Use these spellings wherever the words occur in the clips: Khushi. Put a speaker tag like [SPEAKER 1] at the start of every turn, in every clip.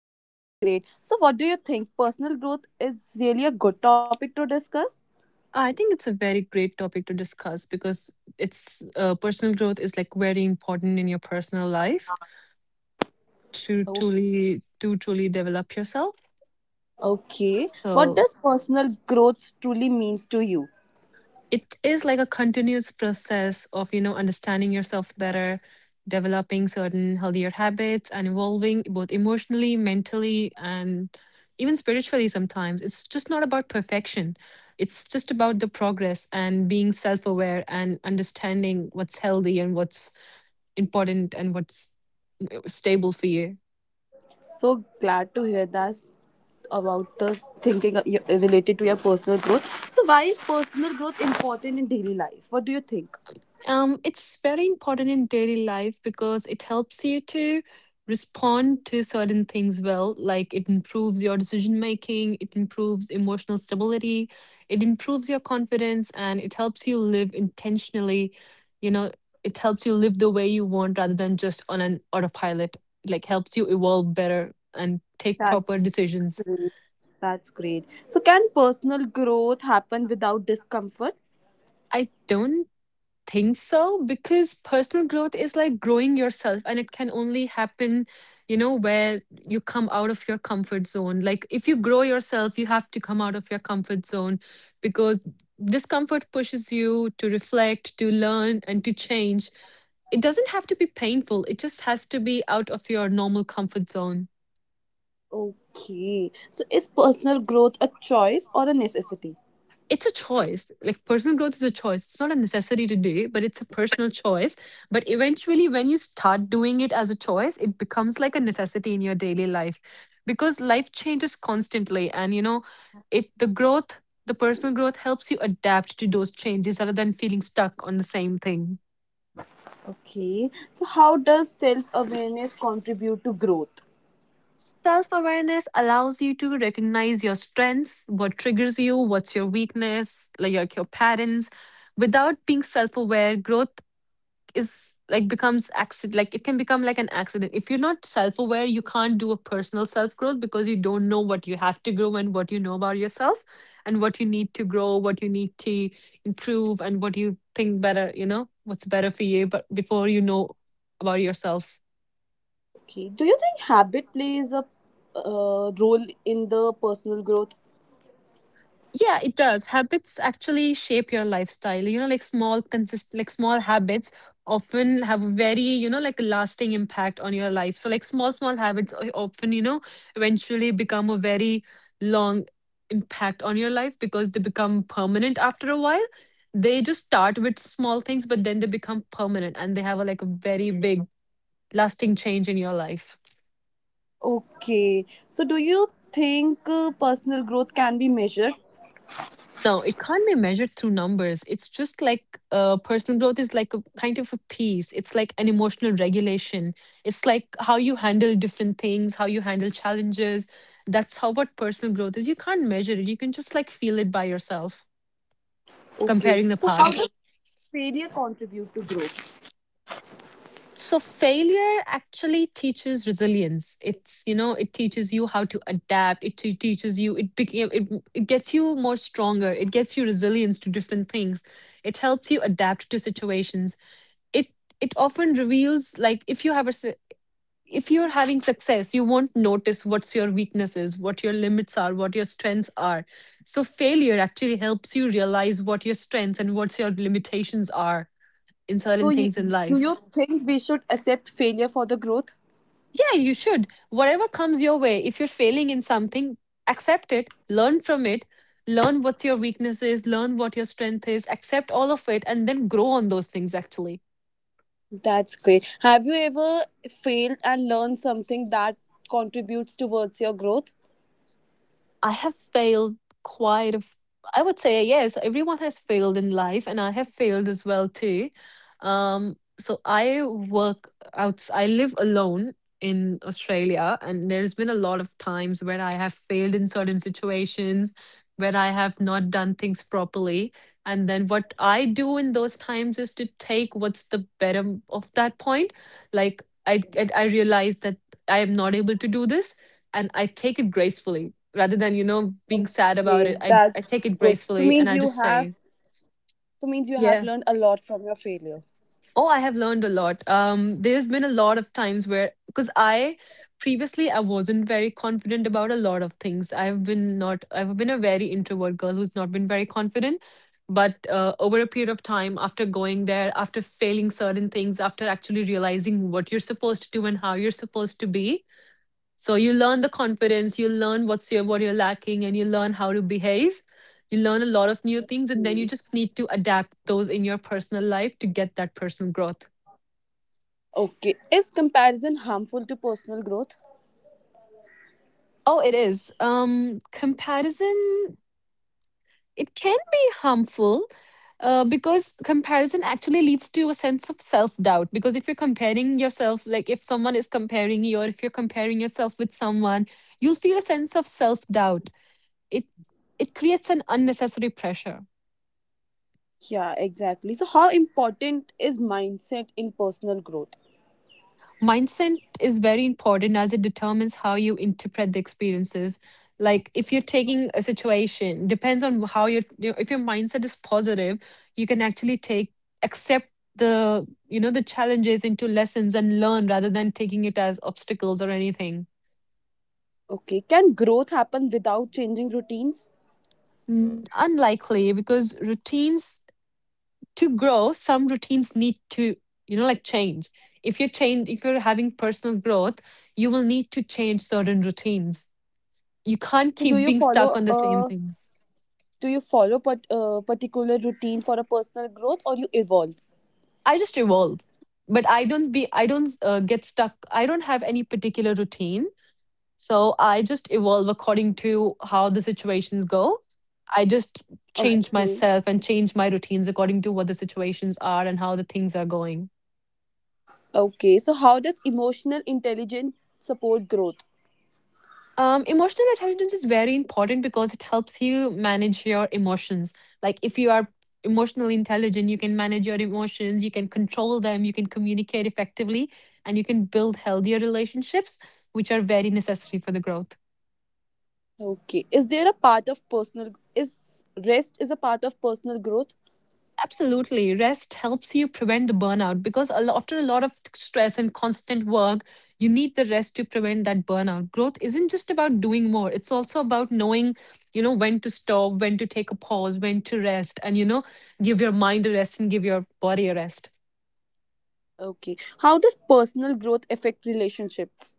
[SPEAKER 1] I'm doing great. So what do you think? Personal growth is really a good topic to discuss?
[SPEAKER 2] I think it's a very great topic to discuss because it's personal growth is like very important in your personal life to
[SPEAKER 1] Oh,
[SPEAKER 2] truly develop yourself.
[SPEAKER 1] okay. What
[SPEAKER 2] So
[SPEAKER 1] does personal growth truly means to you?
[SPEAKER 2] it is like a continuous process of you know understanding yourself better, developing certain healthier habits, and evolving both emotionally, mentally, and even spiritually. Sometimes it's just not about perfection, it's just about the progress and being self-aware and understanding what's healthy and what's important and what's stable for you.
[SPEAKER 1] So glad to hear that about the thinking related to your personal growth. So why is personal growth important in daily life? What do you think?
[SPEAKER 2] It's very important in daily life because it helps you to respond to certain things well. Like, it improves your decision making, it improves emotional stability, it improves your confidence, and it helps you live intentionally. You know, it helps you live the way you want rather than just on an autopilot. It, like, helps you evolve better and take
[SPEAKER 1] That's
[SPEAKER 2] proper decisions.
[SPEAKER 1] great. That's great. So, can personal growth happen without discomfort?
[SPEAKER 2] I don't think so, because personal growth is like growing yourself, and it can only happen, you know, where you come out of your comfort zone. Like, if you grow yourself, you have to come out of your comfort zone, because discomfort pushes you to reflect, to learn, and to change. It doesn't have to be painful, it just has to be out of your normal comfort zone.
[SPEAKER 1] Okay. So, is personal growth a choice or a necessity?
[SPEAKER 2] It's a choice. Like, personal growth is a choice. It's not a necessity to do, but it's a personal choice. But eventually, when you start doing it as a choice, it becomes like a necessity in your daily life, because life changes constantly. And, you know, it, the growth, the personal growth helps you adapt to those changes rather than feeling stuck on the same thing.
[SPEAKER 1] Okay. So, how does self awareness contribute to growth?
[SPEAKER 2] Self awareness allows you to recognize your strengths, what triggers you, what's your weakness, like your patterns. Without being self aware, growth is like becomes accident, like it can become like an accident. If you're not self-aware, you can't do a personal self-growth, because you don't know what you have to grow and what you know about yourself, and what you need to grow, what you need to improve, and what you think better, you know, what's better for you, but before you know about yourself.
[SPEAKER 1] Okay. Do you think habit plays a role in the personal growth?
[SPEAKER 2] Yeah, it does. Habits actually shape your lifestyle. You know, like small consist like small habits often have a very, you know, like a lasting impact on your life. So like small, small habits often, you know, eventually become a very long impact on your life, because they become permanent after a while. They just start with small things, but then they become permanent and they have a like a very big lasting change in your life.
[SPEAKER 1] Okay. So, do you think personal growth can be measured?
[SPEAKER 2] No, it can't be measured through numbers. It's just like, personal growth is like a kind of a piece. It's like an emotional regulation. It's like how you handle different things, how you handle challenges. That's how what personal growth is. You can't measure it. You can just like feel it by yourself,
[SPEAKER 1] Okay.
[SPEAKER 2] comparing the
[SPEAKER 1] So, how
[SPEAKER 2] past.
[SPEAKER 1] does failure contribute to growth?
[SPEAKER 2] So failure actually teaches resilience. It's, you know, it teaches you how to adapt. Teaches you, it became it, it gets you more stronger. It gets you resilience to different things. It helps you adapt to situations. it it often reveals, like, if you have a su- if you're having success, you won't notice what's your weaknesses, what your limits are, what your strengths are. So failure actually helps you realize what your strengths and what's your limitations are in
[SPEAKER 1] So,
[SPEAKER 2] certain
[SPEAKER 1] y-
[SPEAKER 2] things in
[SPEAKER 1] do you
[SPEAKER 2] life.
[SPEAKER 1] think we should accept failure for the growth?
[SPEAKER 2] Yeah, you should. Whatever comes your way, if you're failing in something, accept it, learn from it, learn what your weakness is, learn what your strength is, accept all of it, and then grow on those things actually.
[SPEAKER 1] That's great. Have you ever failed and learned something that contributes towards your growth?
[SPEAKER 2] I have failed quite a f- I would say, yes, everyone has failed in life, and I have failed as well too. So I work out, I live alone in Australia, and there's been a lot of times where I have failed in certain situations, where I have not done things properly. And then what I do in those times is to take what's the better of that point. Like, I realize that I am not able to do this, and I take it gracefully. Rather than, you know, being sad about it,
[SPEAKER 1] Okay,
[SPEAKER 2] I take
[SPEAKER 1] that's
[SPEAKER 2] it
[SPEAKER 1] good.
[SPEAKER 2] gracefully and I just say
[SPEAKER 1] So means you have
[SPEAKER 2] yeah.
[SPEAKER 1] learned a lot from your failure.
[SPEAKER 2] Oh, I have learned a lot. There's been a lot of times where, because I previously, I wasn't very confident about a lot of things. I've been not I've been a very introvert girl who's not been very confident. But over a period of time, after going there, after failing certain things, after actually realizing what you're supposed to do and how you're supposed to be. So you learn the confidence, you learn what's your what you're lacking, and you learn how to behave. You learn a lot of new things, and then you just need to adapt those in your personal life to get that personal growth.
[SPEAKER 1] Okay. Is comparison harmful to personal growth?
[SPEAKER 2] Oh, it is. Comparison, it can be harmful. Because comparison actually leads to a sense of self doubt. Because if you're comparing yourself, like if someone is comparing you, or if you're comparing yourself with someone, you'll feel a sense of self doubt. It it creates an unnecessary pressure.
[SPEAKER 1] Yeah, exactly. So how important is mindset in personal growth?
[SPEAKER 2] Mindset is very important, as it determines how you interpret the experiences. Like if you're taking a situation, depends on how your you, if your mindset is positive, you can actually take, accept the, you know, the challenges into lessons and learn, rather than taking it as obstacles or anything.
[SPEAKER 1] Okay. Can growth happen without changing routines?
[SPEAKER 2] Mm, unlikely, because routines, to grow, some routines need to, you know, like, change. If you're change if you're having personal growth, you will need to change certain routines. You can't
[SPEAKER 1] So do
[SPEAKER 2] keep
[SPEAKER 1] you
[SPEAKER 2] being stuck
[SPEAKER 1] follow
[SPEAKER 2] on the same
[SPEAKER 1] a
[SPEAKER 2] things.
[SPEAKER 1] do you follow particular routine for a personal growth or you evolve.
[SPEAKER 2] I just evolve, but I don't get stuck. I don't have any particular routine, so I just evolve according to how the situations go. I just change
[SPEAKER 1] Okay.
[SPEAKER 2] myself and change my routines according to what the situations are and how the things are going.
[SPEAKER 1] Okay so how does emotional intelligence support growth?
[SPEAKER 2] Emotional intelligence is very important because it helps you manage your emotions. Like if you are emotionally intelligent, you can manage your emotions, you can control them, you can communicate effectively, and you can build healthier relationships, which are very necessary for the growth.
[SPEAKER 1] Okay. Is rest is a part of personal growth?
[SPEAKER 2] Absolutely. Rest helps you prevent the burnout, because after a lot of stress and constant work, you need the rest to prevent that burnout. Growth isn't just about doing more. It's also about knowing, you know, when to stop, when to take a pause, when to rest, and, you know, give your mind a rest and give your body a rest.
[SPEAKER 1] Okay. How does personal growth affect relationships?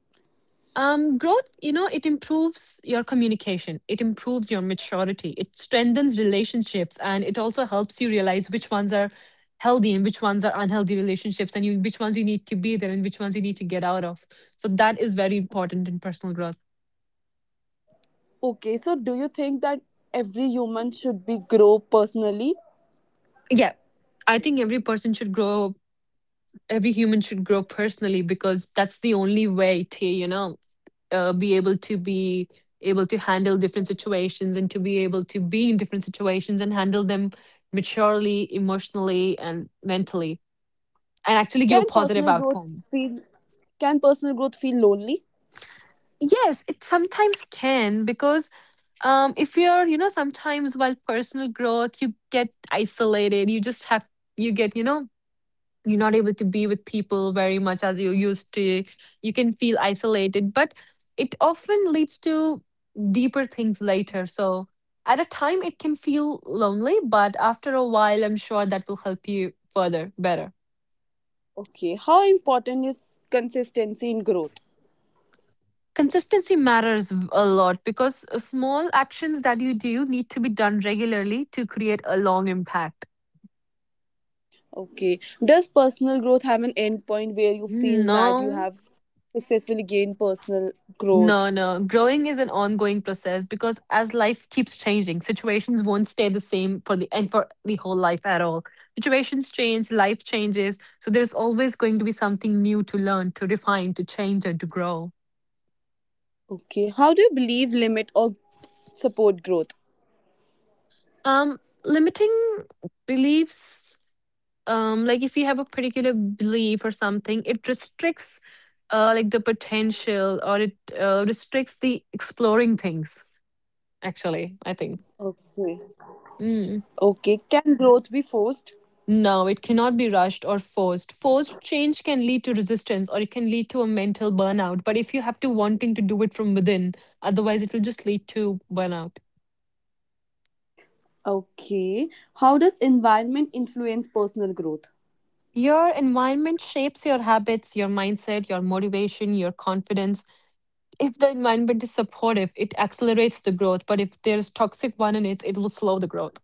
[SPEAKER 2] Growth, you know, it improves your communication, it improves your maturity, it strengthens relationships, and it also helps you realize which ones are healthy and which ones are unhealthy relationships, and you which ones you need to be there and which ones you need to get out of. So that is very important in personal growth.
[SPEAKER 1] Okay. So do you think that every human should be grow personally?
[SPEAKER 2] Yeah, I think every person should grow. Every human should grow personally, because that's the only way to, you know, be able to handle different situations and to be able to be in different situations and handle them maturely, emotionally, and mentally, and actually give a
[SPEAKER 1] can
[SPEAKER 2] positive
[SPEAKER 1] personal growth
[SPEAKER 2] outcome.
[SPEAKER 1] feel can personal growth feel lonely?
[SPEAKER 2] Yes, it sometimes can, because, if you're, you know, sometimes while personal growth you get isolated. You just have, you get, you know, you're not able to be with people very much as you used to. You can feel isolated, but it often leads to deeper things later. So at a time it can feel lonely, but after a while I'm sure that will help you further better.
[SPEAKER 1] Okay. How important is consistency in growth?
[SPEAKER 2] Consistency matters a lot, because small actions that you do need to be done regularly to create a long impact.
[SPEAKER 1] Okay. Does personal growth have an end point where you feel that you
[SPEAKER 2] No.
[SPEAKER 1] have successfully gained personal growth?
[SPEAKER 2] No, no. Growing is an ongoing process, because as life keeps changing, situations won't stay the same for the and for the whole life at all. Situations change, life changes, so there's always going to be something new to learn, to refine, to change, and to grow.
[SPEAKER 1] Okay. How do you believe limit or support growth?
[SPEAKER 2] Um, Limiting beliefs, like if you have a particular belief or something, it restricts, like, the potential, or it restricts the exploring things. Actually, I think.
[SPEAKER 1] Okay.
[SPEAKER 2] Mm.
[SPEAKER 1] Okay. Can growth be forced?
[SPEAKER 2] No, it cannot be rushed or forced. Forced change can lead to resistance, or it can lead to a mental burnout. But if you have to wanting to do it from within, otherwise it will just lead to burnout.
[SPEAKER 1] Okay. How does environment influence personal growth?
[SPEAKER 2] Your environment shapes your habits, your mindset, your motivation, your confidence. If the environment is supportive, it accelerates the growth. But if there's toxic one in it, it will slow the growth.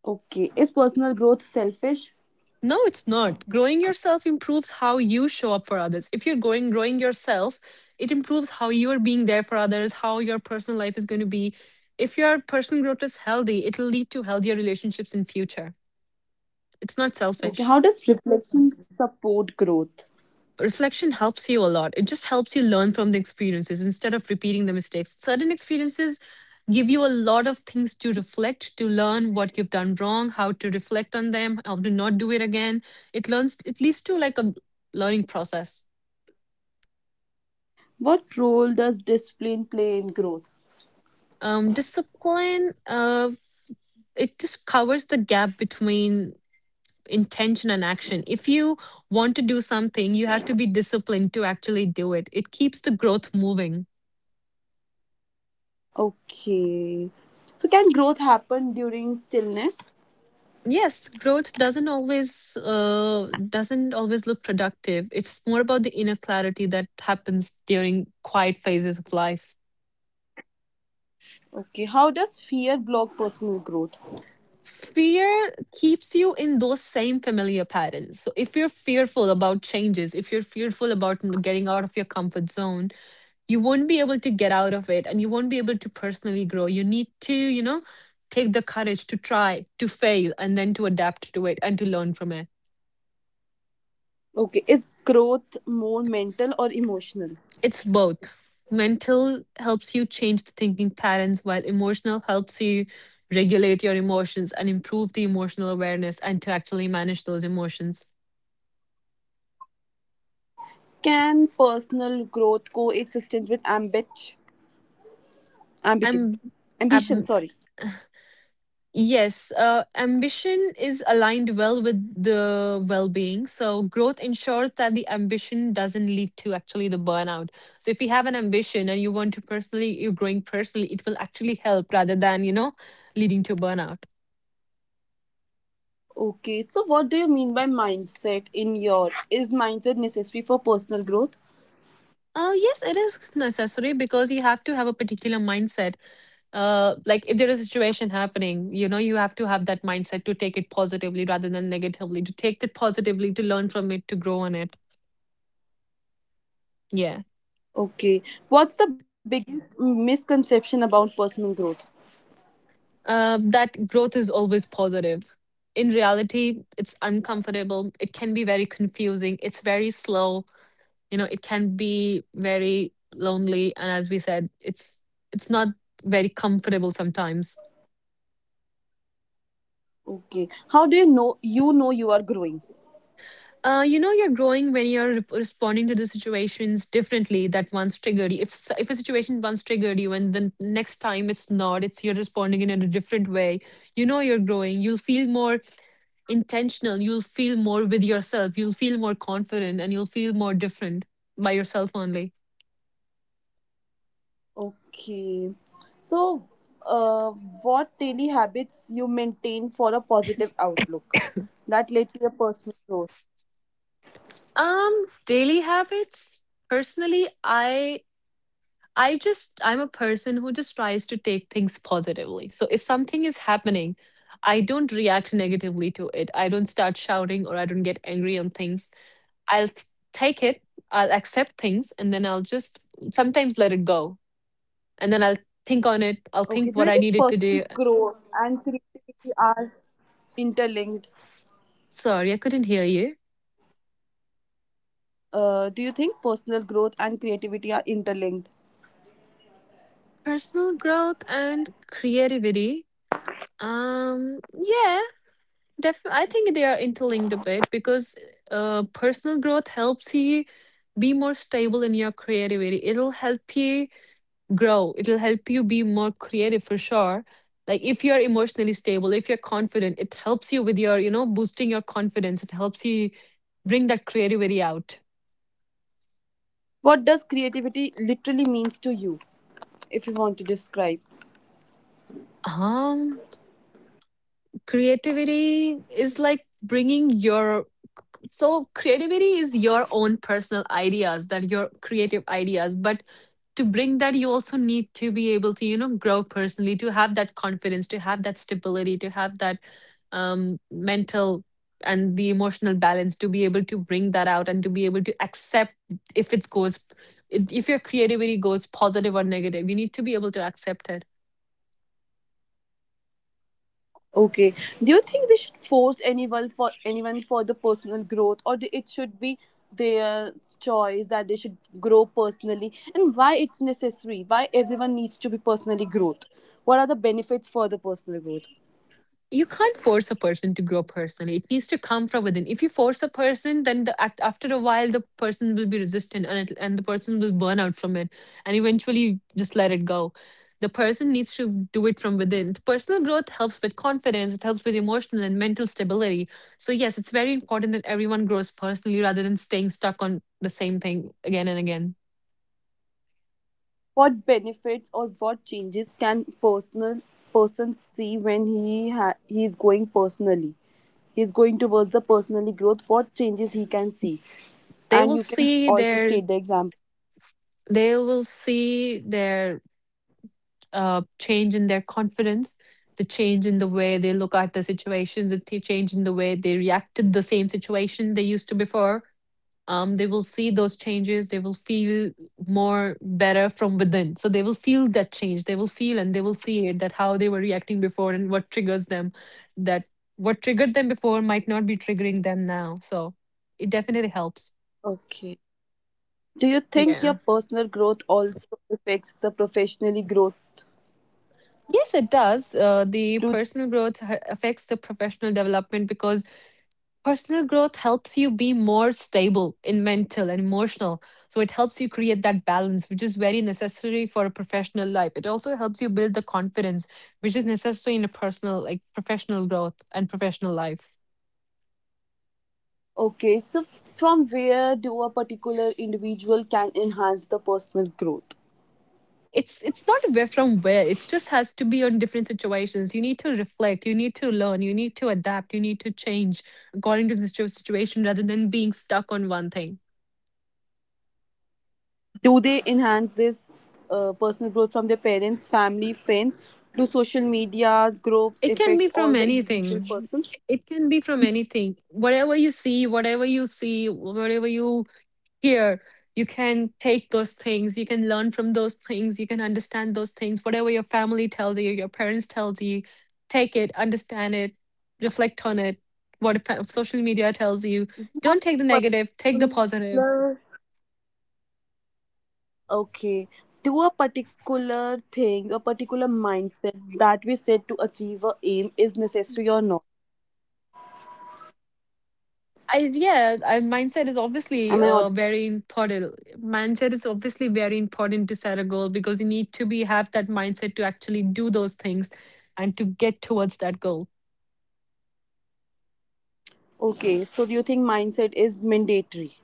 [SPEAKER 1] Okay. Is personal growth selfish?
[SPEAKER 2] No, it's not. Growing yourself improves how you show up for others. If you're going growing yourself, it improves how you are being there for others, how your personal life is going to be. If your personal growth is healthy, it'll lead to healthier relationships in future. It's not
[SPEAKER 1] Okay.
[SPEAKER 2] selfish.
[SPEAKER 1] How does reflection support growth?
[SPEAKER 2] Reflection helps you a lot. It just helps you learn from the experiences instead of repeating the mistakes. Certain experiences give you a lot of things to reflect, to learn what you've done wrong, how to reflect on them, how to not do it again. It leads to like a learning process.
[SPEAKER 1] What role does discipline play in growth?
[SPEAKER 2] Discipline, it just covers the gap between intention and action. If you want to do something, you have to be disciplined to actually do it. It keeps the growth moving.
[SPEAKER 1] Okay. So, can growth happen during stillness?
[SPEAKER 2] Yes, growth doesn't always look productive. It's more about the inner clarity that happens during quiet phases of life.
[SPEAKER 1] Okay, how does fear block personal growth?
[SPEAKER 2] Fear keeps you in those same familiar patterns. So if you're fearful about changes, if you're fearful about getting out of your comfort zone, you won't be able to get out of it and you won't be able to personally grow. You need to, you know, take the courage to try, to fail, and then to adapt to it and to learn from it.
[SPEAKER 1] Okay, is growth more mental or emotional?
[SPEAKER 2] It's both. Mental helps you change the thinking patterns, while emotional helps you regulate your emotions and improve the emotional awareness and to actually manage those emotions.
[SPEAKER 1] Can personal growth coexist with ambition,
[SPEAKER 2] And
[SPEAKER 1] ambition? Sorry.
[SPEAKER 2] yes, ambition is aligned well with the well being. So, growth ensures that the ambition doesn't lead to actually the burnout. So, if you have an ambition and you want to personally, you're growing personally, it will actually help rather than, you know, leading to burnout.
[SPEAKER 1] Okay, so what do you mean by mindset in your? Is mindset necessary for personal growth?
[SPEAKER 2] Yes, it is necessary because you have to have a particular mindset. Like if there is a situation happening, you know, you have to have that mindset to take it positively rather than negatively, to take it positively, to learn from it, to grow on it. Yeah.
[SPEAKER 1] Okay, what's the biggest misconception about personal growth?
[SPEAKER 2] That growth is always positive. In reality, it's uncomfortable. It can be very confusing. It's very slow. You know, it can be very lonely. And as we said, it's not very comfortable sometimes.
[SPEAKER 1] Okay, how do you know you know you are growing?
[SPEAKER 2] You know, you're growing when you're responding to the situations differently that once triggered you. If if a situation once triggered you, and the next time it's not, it's you're responding in a different way. You know, you're growing. You'll feel more intentional. You'll feel more with yourself. You'll feel more confident, and you'll feel more different by yourself only.
[SPEAKER 1] Okay. So, uh, what daily habits you maintain for a positive outlook that led to your personal growth?
[SPEAKER 2] Daily habits. Personally, I just, I'm a person who just tries to take things positively. So if something is happening, I don't react negatively to it. I don't start shouting or I don't get angry on things. I'll t- take it, I'll accept things, and then I'll just sometimes let it go. And then I'll think on it. I'll
[SPEAKER 1] Okay.
[SPEAKER 2] think
[SPEAKER 1] Do
[SPEAKER 2] what
[SPEAKER 1] you
[SPEAKER 2] I
[SPEAKER 1] think
[SPEAKER 2] needed to
[SPEAKER 1] personal
[SPEAKER 2] do.
[SPEAKER 1] growth and creativity are interlinked?
[SPEAKER 2] Sorry, I couldn't hear you.
[SPEAKER 1] Do you think personal growth and creativity are interlinked?
[SPEAKER 2] Personal growth and creativity. Yeah. Def I think they are interlinked a bit because personal growth helps you be more stable in your creativity. It'll help you grow. It'll help you be more creative for sure. Like if you're emotionally stable, if you're confident, it helps you with your, you know, boosting your confidence. It helps you bring that creativity out.
[SPEAKER 1] What does creativity literally means to you, if you want to describe?
[SPEAKER 2] Um, creativity is like bringing your so creativity is your own personal ideas that your creative ideas, but to bring that you also need to be able to, you know, grow personally, to have that confidence, to have that stability, to have that mental and the emotional balance to be able to bring that out and to be able to accept if it goes, if your creativity goes positive or negative, you need to be able to accept it.
[SPEAKER 1] Okay. Do you think we should force anyone for the personal growth, or the, it should be their choice that they should grow personally, and why it's necessary? Why everyone needs to be personally growth? What are the benefits for the personal growth?
[SPEAKER 2] You can't force a person to grow personally. It needs to come from within. If you force a person, then the act after a while the person will be resistant and it, and the person will burn out from it, and eventually just let it go. The person needs to do it from within. The personal growth helps with confidence. It helps with emotional and mental stability. So yes, it's very important that everyone grows personally rather than staying stuck on the same thing again and again.
[SPEAKER 1] What benefits or what changes can personal person see when he is going personally? He is going towards the personally growth. What changes he can see,
[SPEAKER 2] They
[SPEAKER 1] and
[SPEAKER 2] will
[SPEAKER 1] you can
[SPEAKER 2] see
[SPEAKER 1] also
[SPEAKER 2] their
[SPEAKER 1] state the example.
[SPEAKER 2] they will see their change in their confidence, the change in the way they look at the situation, the change in the way they react to the same situation they used to before. They will see those changes. They will feel more better from within. So they will feel that change. They will see it that how they were reacting before and what triggers them, that what triggered them before might not be triggering them now. So it definitely helps.
[SPEAKER 1] Okay. Do you think your
[SPEAKER 2] Yeah.
[SPEAKER 1] personal growth also affects the professionally growth?
[SPEAKER 2] Yes, it does. Uh, the
[SPEAKER 1] Do,
[SPEAKER 2] personal growth ha- affects the professional development because personal growth helps you be more stable in mental and emotional. So it helps you create that balance, which is very necessary for a professional life. It also helps you build the confidence, which is necessary in a personal, like professional growth and professional life.
[SPEAKER 1] okay, so from where do a particular individual can enhance the personal growth?
[SPEAKER 2] It's not where from where. It just has to be on different situations. You need to reflect. You need to learn. You need to adapt. You need to change according to the situation rather than being stuck on one thing.
[SPEAKER 1] Do they enhance this personal growth from their parents, family, friends? Do social media groups
[SPEAKER 2] It can be
[SPEAKER 1] affect all
[SPEAKER 2] from
[SPEAKER 1] the individual
[SPEAKER 2] anything.
[SPEAKER 1] person?
[SPEAKER 2] It can be from anything. Whatever you see, whatever you hear, you can take those things. You can learn from those things. You can understand those things. Whatever your family tells you, your parents tells you, take it, understand it, reflect on it. What if social media tells you, don't take the negative, take the positive.
[SPEAKER 1] Particular. Okay. Do a particular thing, a particular mindset that we set to achieve a aim is necessary or not?
[SPEAKER 2] Mindset is obviously
[SPEAKER 1] Am I audible?
[SPEAKER 2] very important. Mindset is obviously very important to set a goal because you need to be have that mindset to actually do those things and to get towards that goal.
[SPEAKER 1] Okay, so do you think mindset is mandatory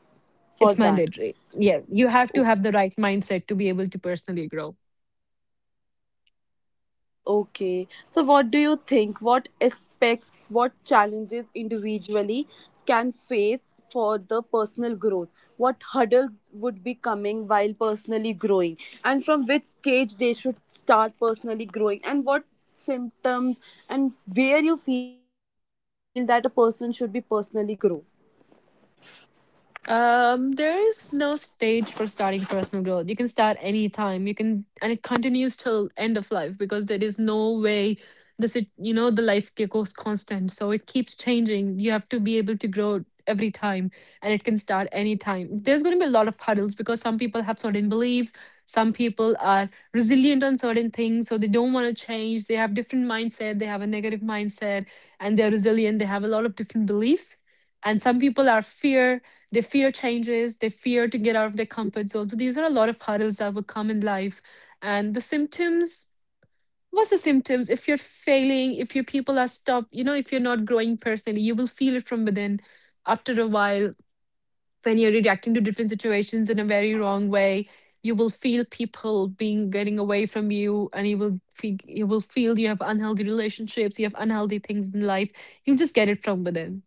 [SPEAKER 1] for
[SPEAKER 2] It's
[SPEAKER 1] that?
[SPEAKER 2] mandatory. Yeah, you have
[SPEAKER 1] O-
[SPEAKER 2] to have the right mindset to be able to personally grow.
[SPEAKER 1] Okay, so what do you think? What aspects, what challenges individually can face for the personal growth? What hurdles would be coming while personally growing? And from which stage they should start personally growing? And what symptoms and where you feel that a person should be personally grow?
[SPEAKER 2] There is no stage for starting personal growth. You can start anytime. You can, and it continues till end of life because there is no way this it you know the life goes constant, so it keeps changing. You have to be able to grow every time, and it can start anytime. There's going to be a lot of hurdles because some people have certain beliefs. Some people are resilient on certain things, so they don't want to change. They have different mindset. They have a negative mindset, and they're resilient. They have a lot of different beliefs, and some people are fear they fear changes, they fear to get out of their comfort zone. So these are a lot of hurdles that will come in life. And the symptoms, what's the symptoms? If you're failing, if your people are stopped, you know, if you're not growing personally, you will feel it from within after a while when you're reacting to different situations in a very wrong way. You will feel people being getting away from you, and you will feel you have unhealthy relationships, you have unhealthy things in life. You just get it from within.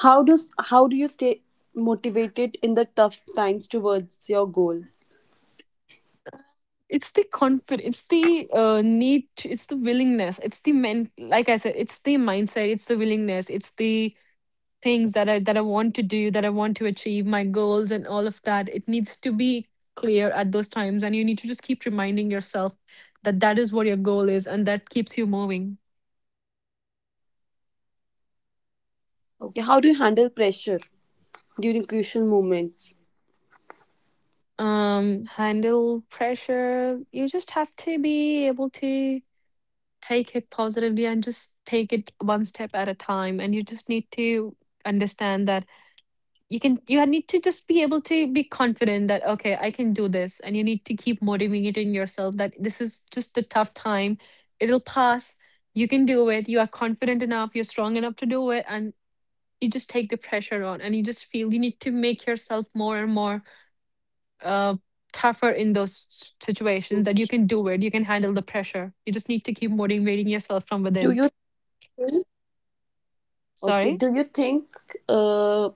[SPEAKER 1] How do how do you stay motivated in the tough times towards your goal?
[SPEAKER 2] It's the confidence, it's the need to, it's the willingness, it's the men like I said, it's the mindset, it's the willingness, it's the things that I want to do, that I want to achieve my goals and all of that. It needs to be clear at those times, and you need to just keep reminding yourself that that is what your goal is, and that keeps you moving.
[SPEAKER 1] Okay, how do you handle pressure during crucial moments?
[SPEAKER 2] Handle pressure, you just have to be able to take it positively and just take it one step at a time, and you just need to understand that you can, you need to just be able to be confident that okay, I can do this, and you need to keep motivating yourself that this is just a tough time, it'll pass, you can do it, you are confident enough, you're strong enough to do it, and you just take the pressure on, and you just feel you need to make yourself more and more uh, tougher in those situations, that you
[SPEAKER 1] Okay.
[SPEAKER 2] can do it, you can handle the pressure, you just need to keep motivating yourself from
[SPEAKER 1] Do
[SPEAKER 2] within.
[SPEAKER 1] you think, okay,
[SPEAKER 2] Sorry.
[SPEAKER 1] do you think uh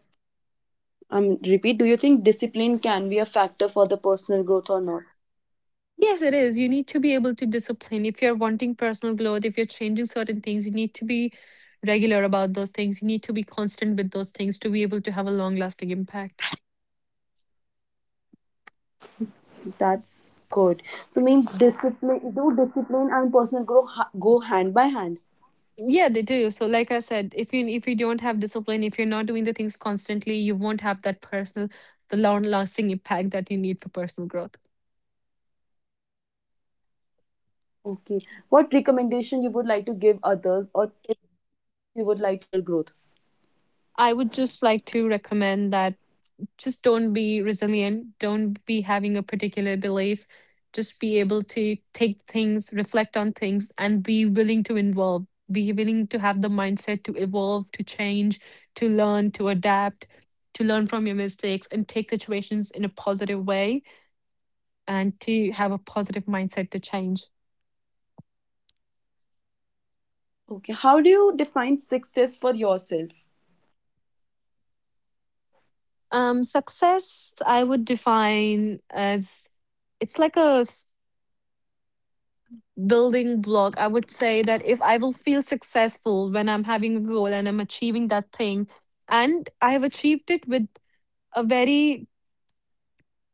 [SPEAKER 1] I'm repeat, do you think discipline can be a factor for the personal growth or not?
[SPEAKER 2] Yes, it is. You need to be able to discipline. If you're wanting personal growth, if you're changing certain things, you need to be regular about those things. You need to be constant with those things to be able to have a long lasting impact.
[SPEAKER 1] That's good. So means discipline do discipline and personal growth go hand by hand.
[SPEAKER 2] Yeah, they do. So like I said, if you don't have discipline, if you're not doing the things constantly, you won't have that personal the long lasting impact that you need for personal growth.
[SPEAKER 1] Okay. What recommendation you would like to give others or tips you would like to give others for the personal growth?
[SPEAKER 2] I would just like to recommend that just don't be resilient, don't be having a particular belief, just be able to take things, reflect on things and be willing to involve, be willing to have the mindset to evolve, to change, to learn, to adapt, to learn from your mistakes and take situations in a positive way and to have a positive mindset to change.
[SPEAKER 1] Okay. How do you define success for yourself?
[SPEAKER 2] Success I would define as it's like a building block. I would say that if I will feel successful when I'm having a goal and I'm achieving that thing, and I have achieved it with a very,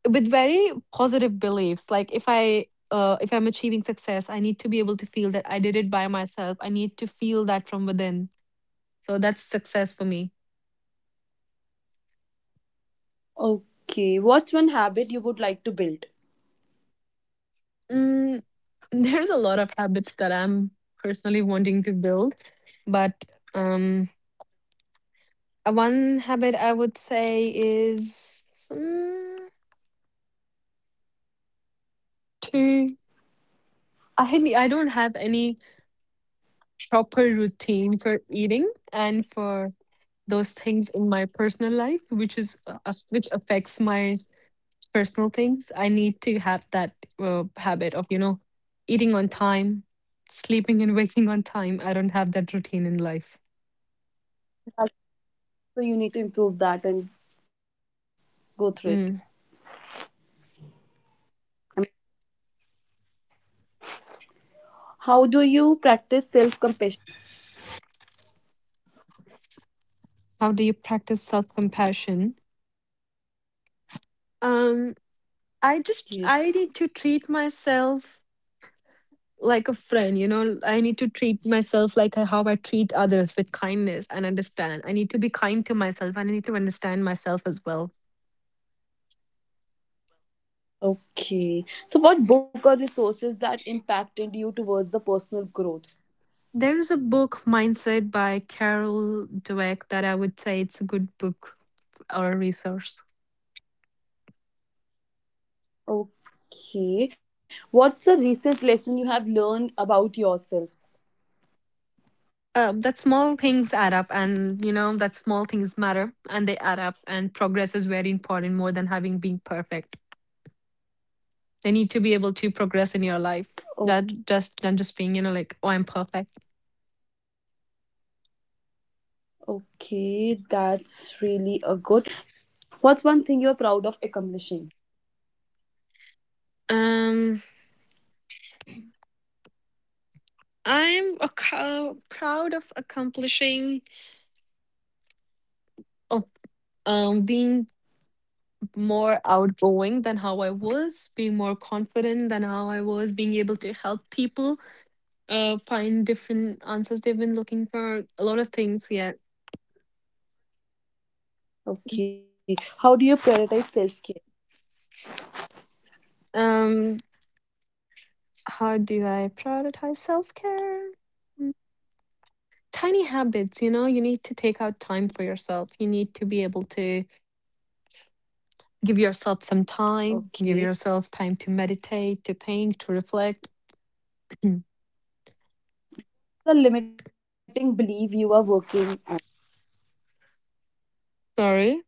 [SPEAKER 2] with very positive beliefs. Like if I'm achieving success, I need to be able to feel that I did it by myself. I need to feel that from within. So that's success for me.
[SPEAKER 1] Okay. What's one habit you would like to build?
[SPEAKER 2] mm, there's a lot of habits that I'm personally wanting to build, but um one habit I would say is to, I don't have any proper routine for eating and for those things in my personal life, which is which affects my personal things. I need to have that habit of, eating on time, sleeping and waking on time. I don't have that routine in life.
[SPEAKER 1] So you need to improve that and go through it.
[SPEAKER 2] Mm.
[SPEAKER 1] Um, How do you practice self compassion?
[SPEAKER 2] How do you practice self compassion? Um, I
[SPEAKER 1] Yes.
[SPEAKER 2] just, I need to treat myself like a friend. You know, I need to treat myself like how I treat others, with kindness and understand. I need to be kind to myself and I need to understand myself as well.
[SPEAKER 1] Okay. So, what book or resources that impacted you towards the personal growth?
[SPEAKER 2] There's a book, Mindset by Carol Dweck, that I would say it's a good book or a resource.
[SPEAKER 1] Okay. What's a recent lesson you have learned about yourself?
[SPEAKER 2] That small things add up, and you know that small things matter and they add up, and progress is very important more than having been perfect. They need to be able to progress in your life,
[SPEAKER 1] Oh,
[SPEAKER 2] that just than just being, you know, like, oh, I'm perfect.
[SPEAKER 1] okay. That's really a good. What's one thing you're proud of accomplishing?
[SPEAKER 2] um proud of accomplishing, of being more outgoing than how I was, being more confident than how I was, being able to help people find different answers they've been looking for, a lot of things. Yeah.
[SPEAKER 1] Okay. How do you prioritize self care?
[SPEAKER 2] Um, how do I prioritize self care? Tiny habits. You know, you need to take out time for yourself. You need to be able to give yourself some time, give yourself
[SPEAKER 1] Okay.
[SPEAKER 2] time to meditate, to think, to reflect.
[SPEAKER 1] The limiting belief you are working on.
[SPEAKER 2] Sorry.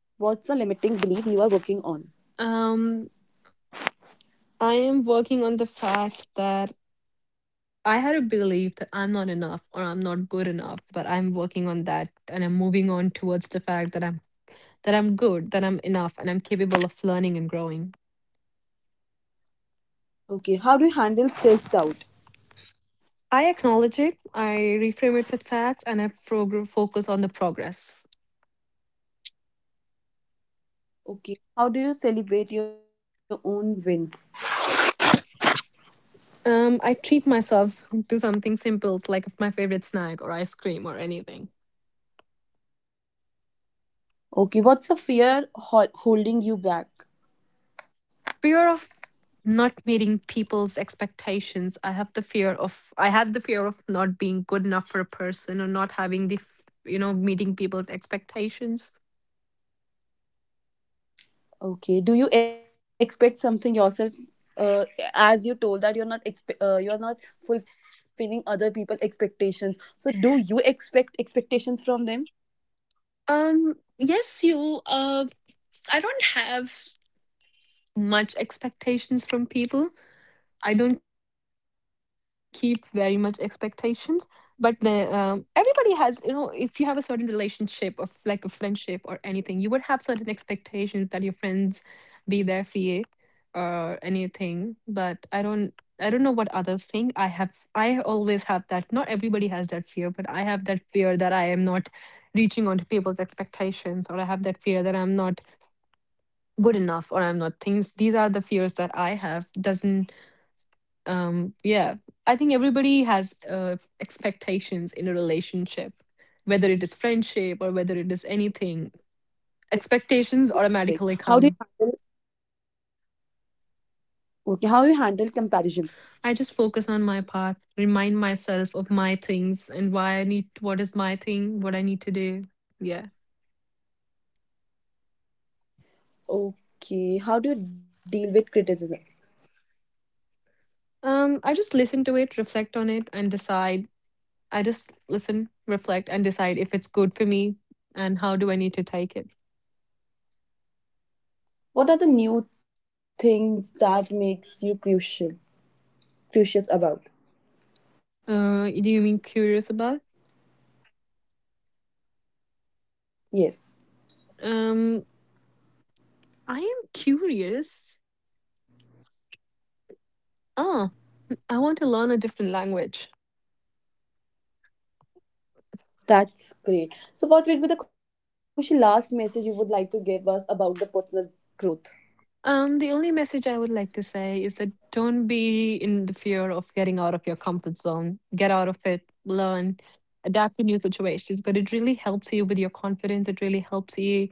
[SPEAKER 1] What's a limiting belief you are working on?
[SPEAKER 2] Um, I am working on the fact that I had a belief that I'm not enough or I'm not good enough, but I'm working on that and I'm moving on towards the fact that I'm good, that I'm enough and I'm capable of learning and growing.
[SPEAKER 1] Okay, how do you handle self doubt?
[SPEAKER 2] I acknowledge it, I reframe it with facts and I focus on the progress.
[SPEAKER 1] Okay, how do you celebrate your own wins?
[SPEAKER 2] I treat myself to something simple like my favorite snack or ice cream or anything.
[SPEAKER 1] Okay, what's a fear holding you back?
[SPEAKER 2] Fear of not meeting people's expectations. I had the fear of not being good enough for a person or not you know, meeting people's expectations.
[SPEAKER 1] Okay, do you expect something yourself? Uh, as you told that you're not expe- you're not fulfilling other people expectations, so do you expect expectations from them?
[SPEAKER 2] Yes, you I don't have much expectations from people. I don't keep very much expectations, but the, everybody has, you know, if you have a certain relationship of like a friendship or anything, you would have certain expectations that your friends be there for you or anything. But I don't know what others think. I have, I always have that. Not everybody has that fear, but I have that fear that I am not reaching on to people's expectations, or I have that fear that I'm not good enough, or I'm not things. These are the fears that I have. Doesn't yeah, I think everybody has expectations in a relationship, whether it is friendship or whether it is anything. Expectations automatically
[SPEAKER 1] Correct.
[SPEAKER 2] come.
[SPEAKER 1] How do you handle Okay, how you handle comparisons?
[SPEAKER 2] I just focus on my path, remind myself of my things and why I need, what is my thing, what I need to do. Yeah.
[SPEAKER 1] Okay, how do you deal with criticism?
[SPEAKER 2] I just listen to it, reflect on it and decide. I just listen, reflect and decide if it's good for me and how do I need to take it.
[SPEAKER 1] What are the new things that makes you crucial curious about?
[SPEAKER 2] Do you mean curious about?
[SPEAKER 1] Yes,
[SPEAKER 2] um I am curious. Ah, I want to learn a different language.
[SPEAKER 1] that's great. So what would be the Kushi last message you would like to give us about the personal growth?
[SPEAKER 2] The only message I would like to say is that don't be in the fear of getting out of your comfort zone. Get out of it, learn, adapt to new situations. But it really helps you with your confidence. It really helps you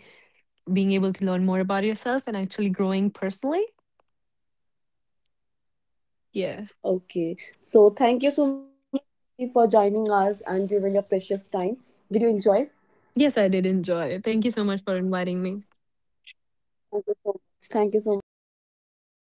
[SPEAKER 2] being able to learn more about yourself and actually growing personally. Yeah.
[SPEAKER 1] Okay. So thank you so much Kushi, for joining us and giving your precious time. Did you enjoy?
[SPEAKER 2] Yes, I did enjoy it. Thank you so much for inviting me.
[SPEAKER 1] Thank you so much. Thank you so much, Kushi.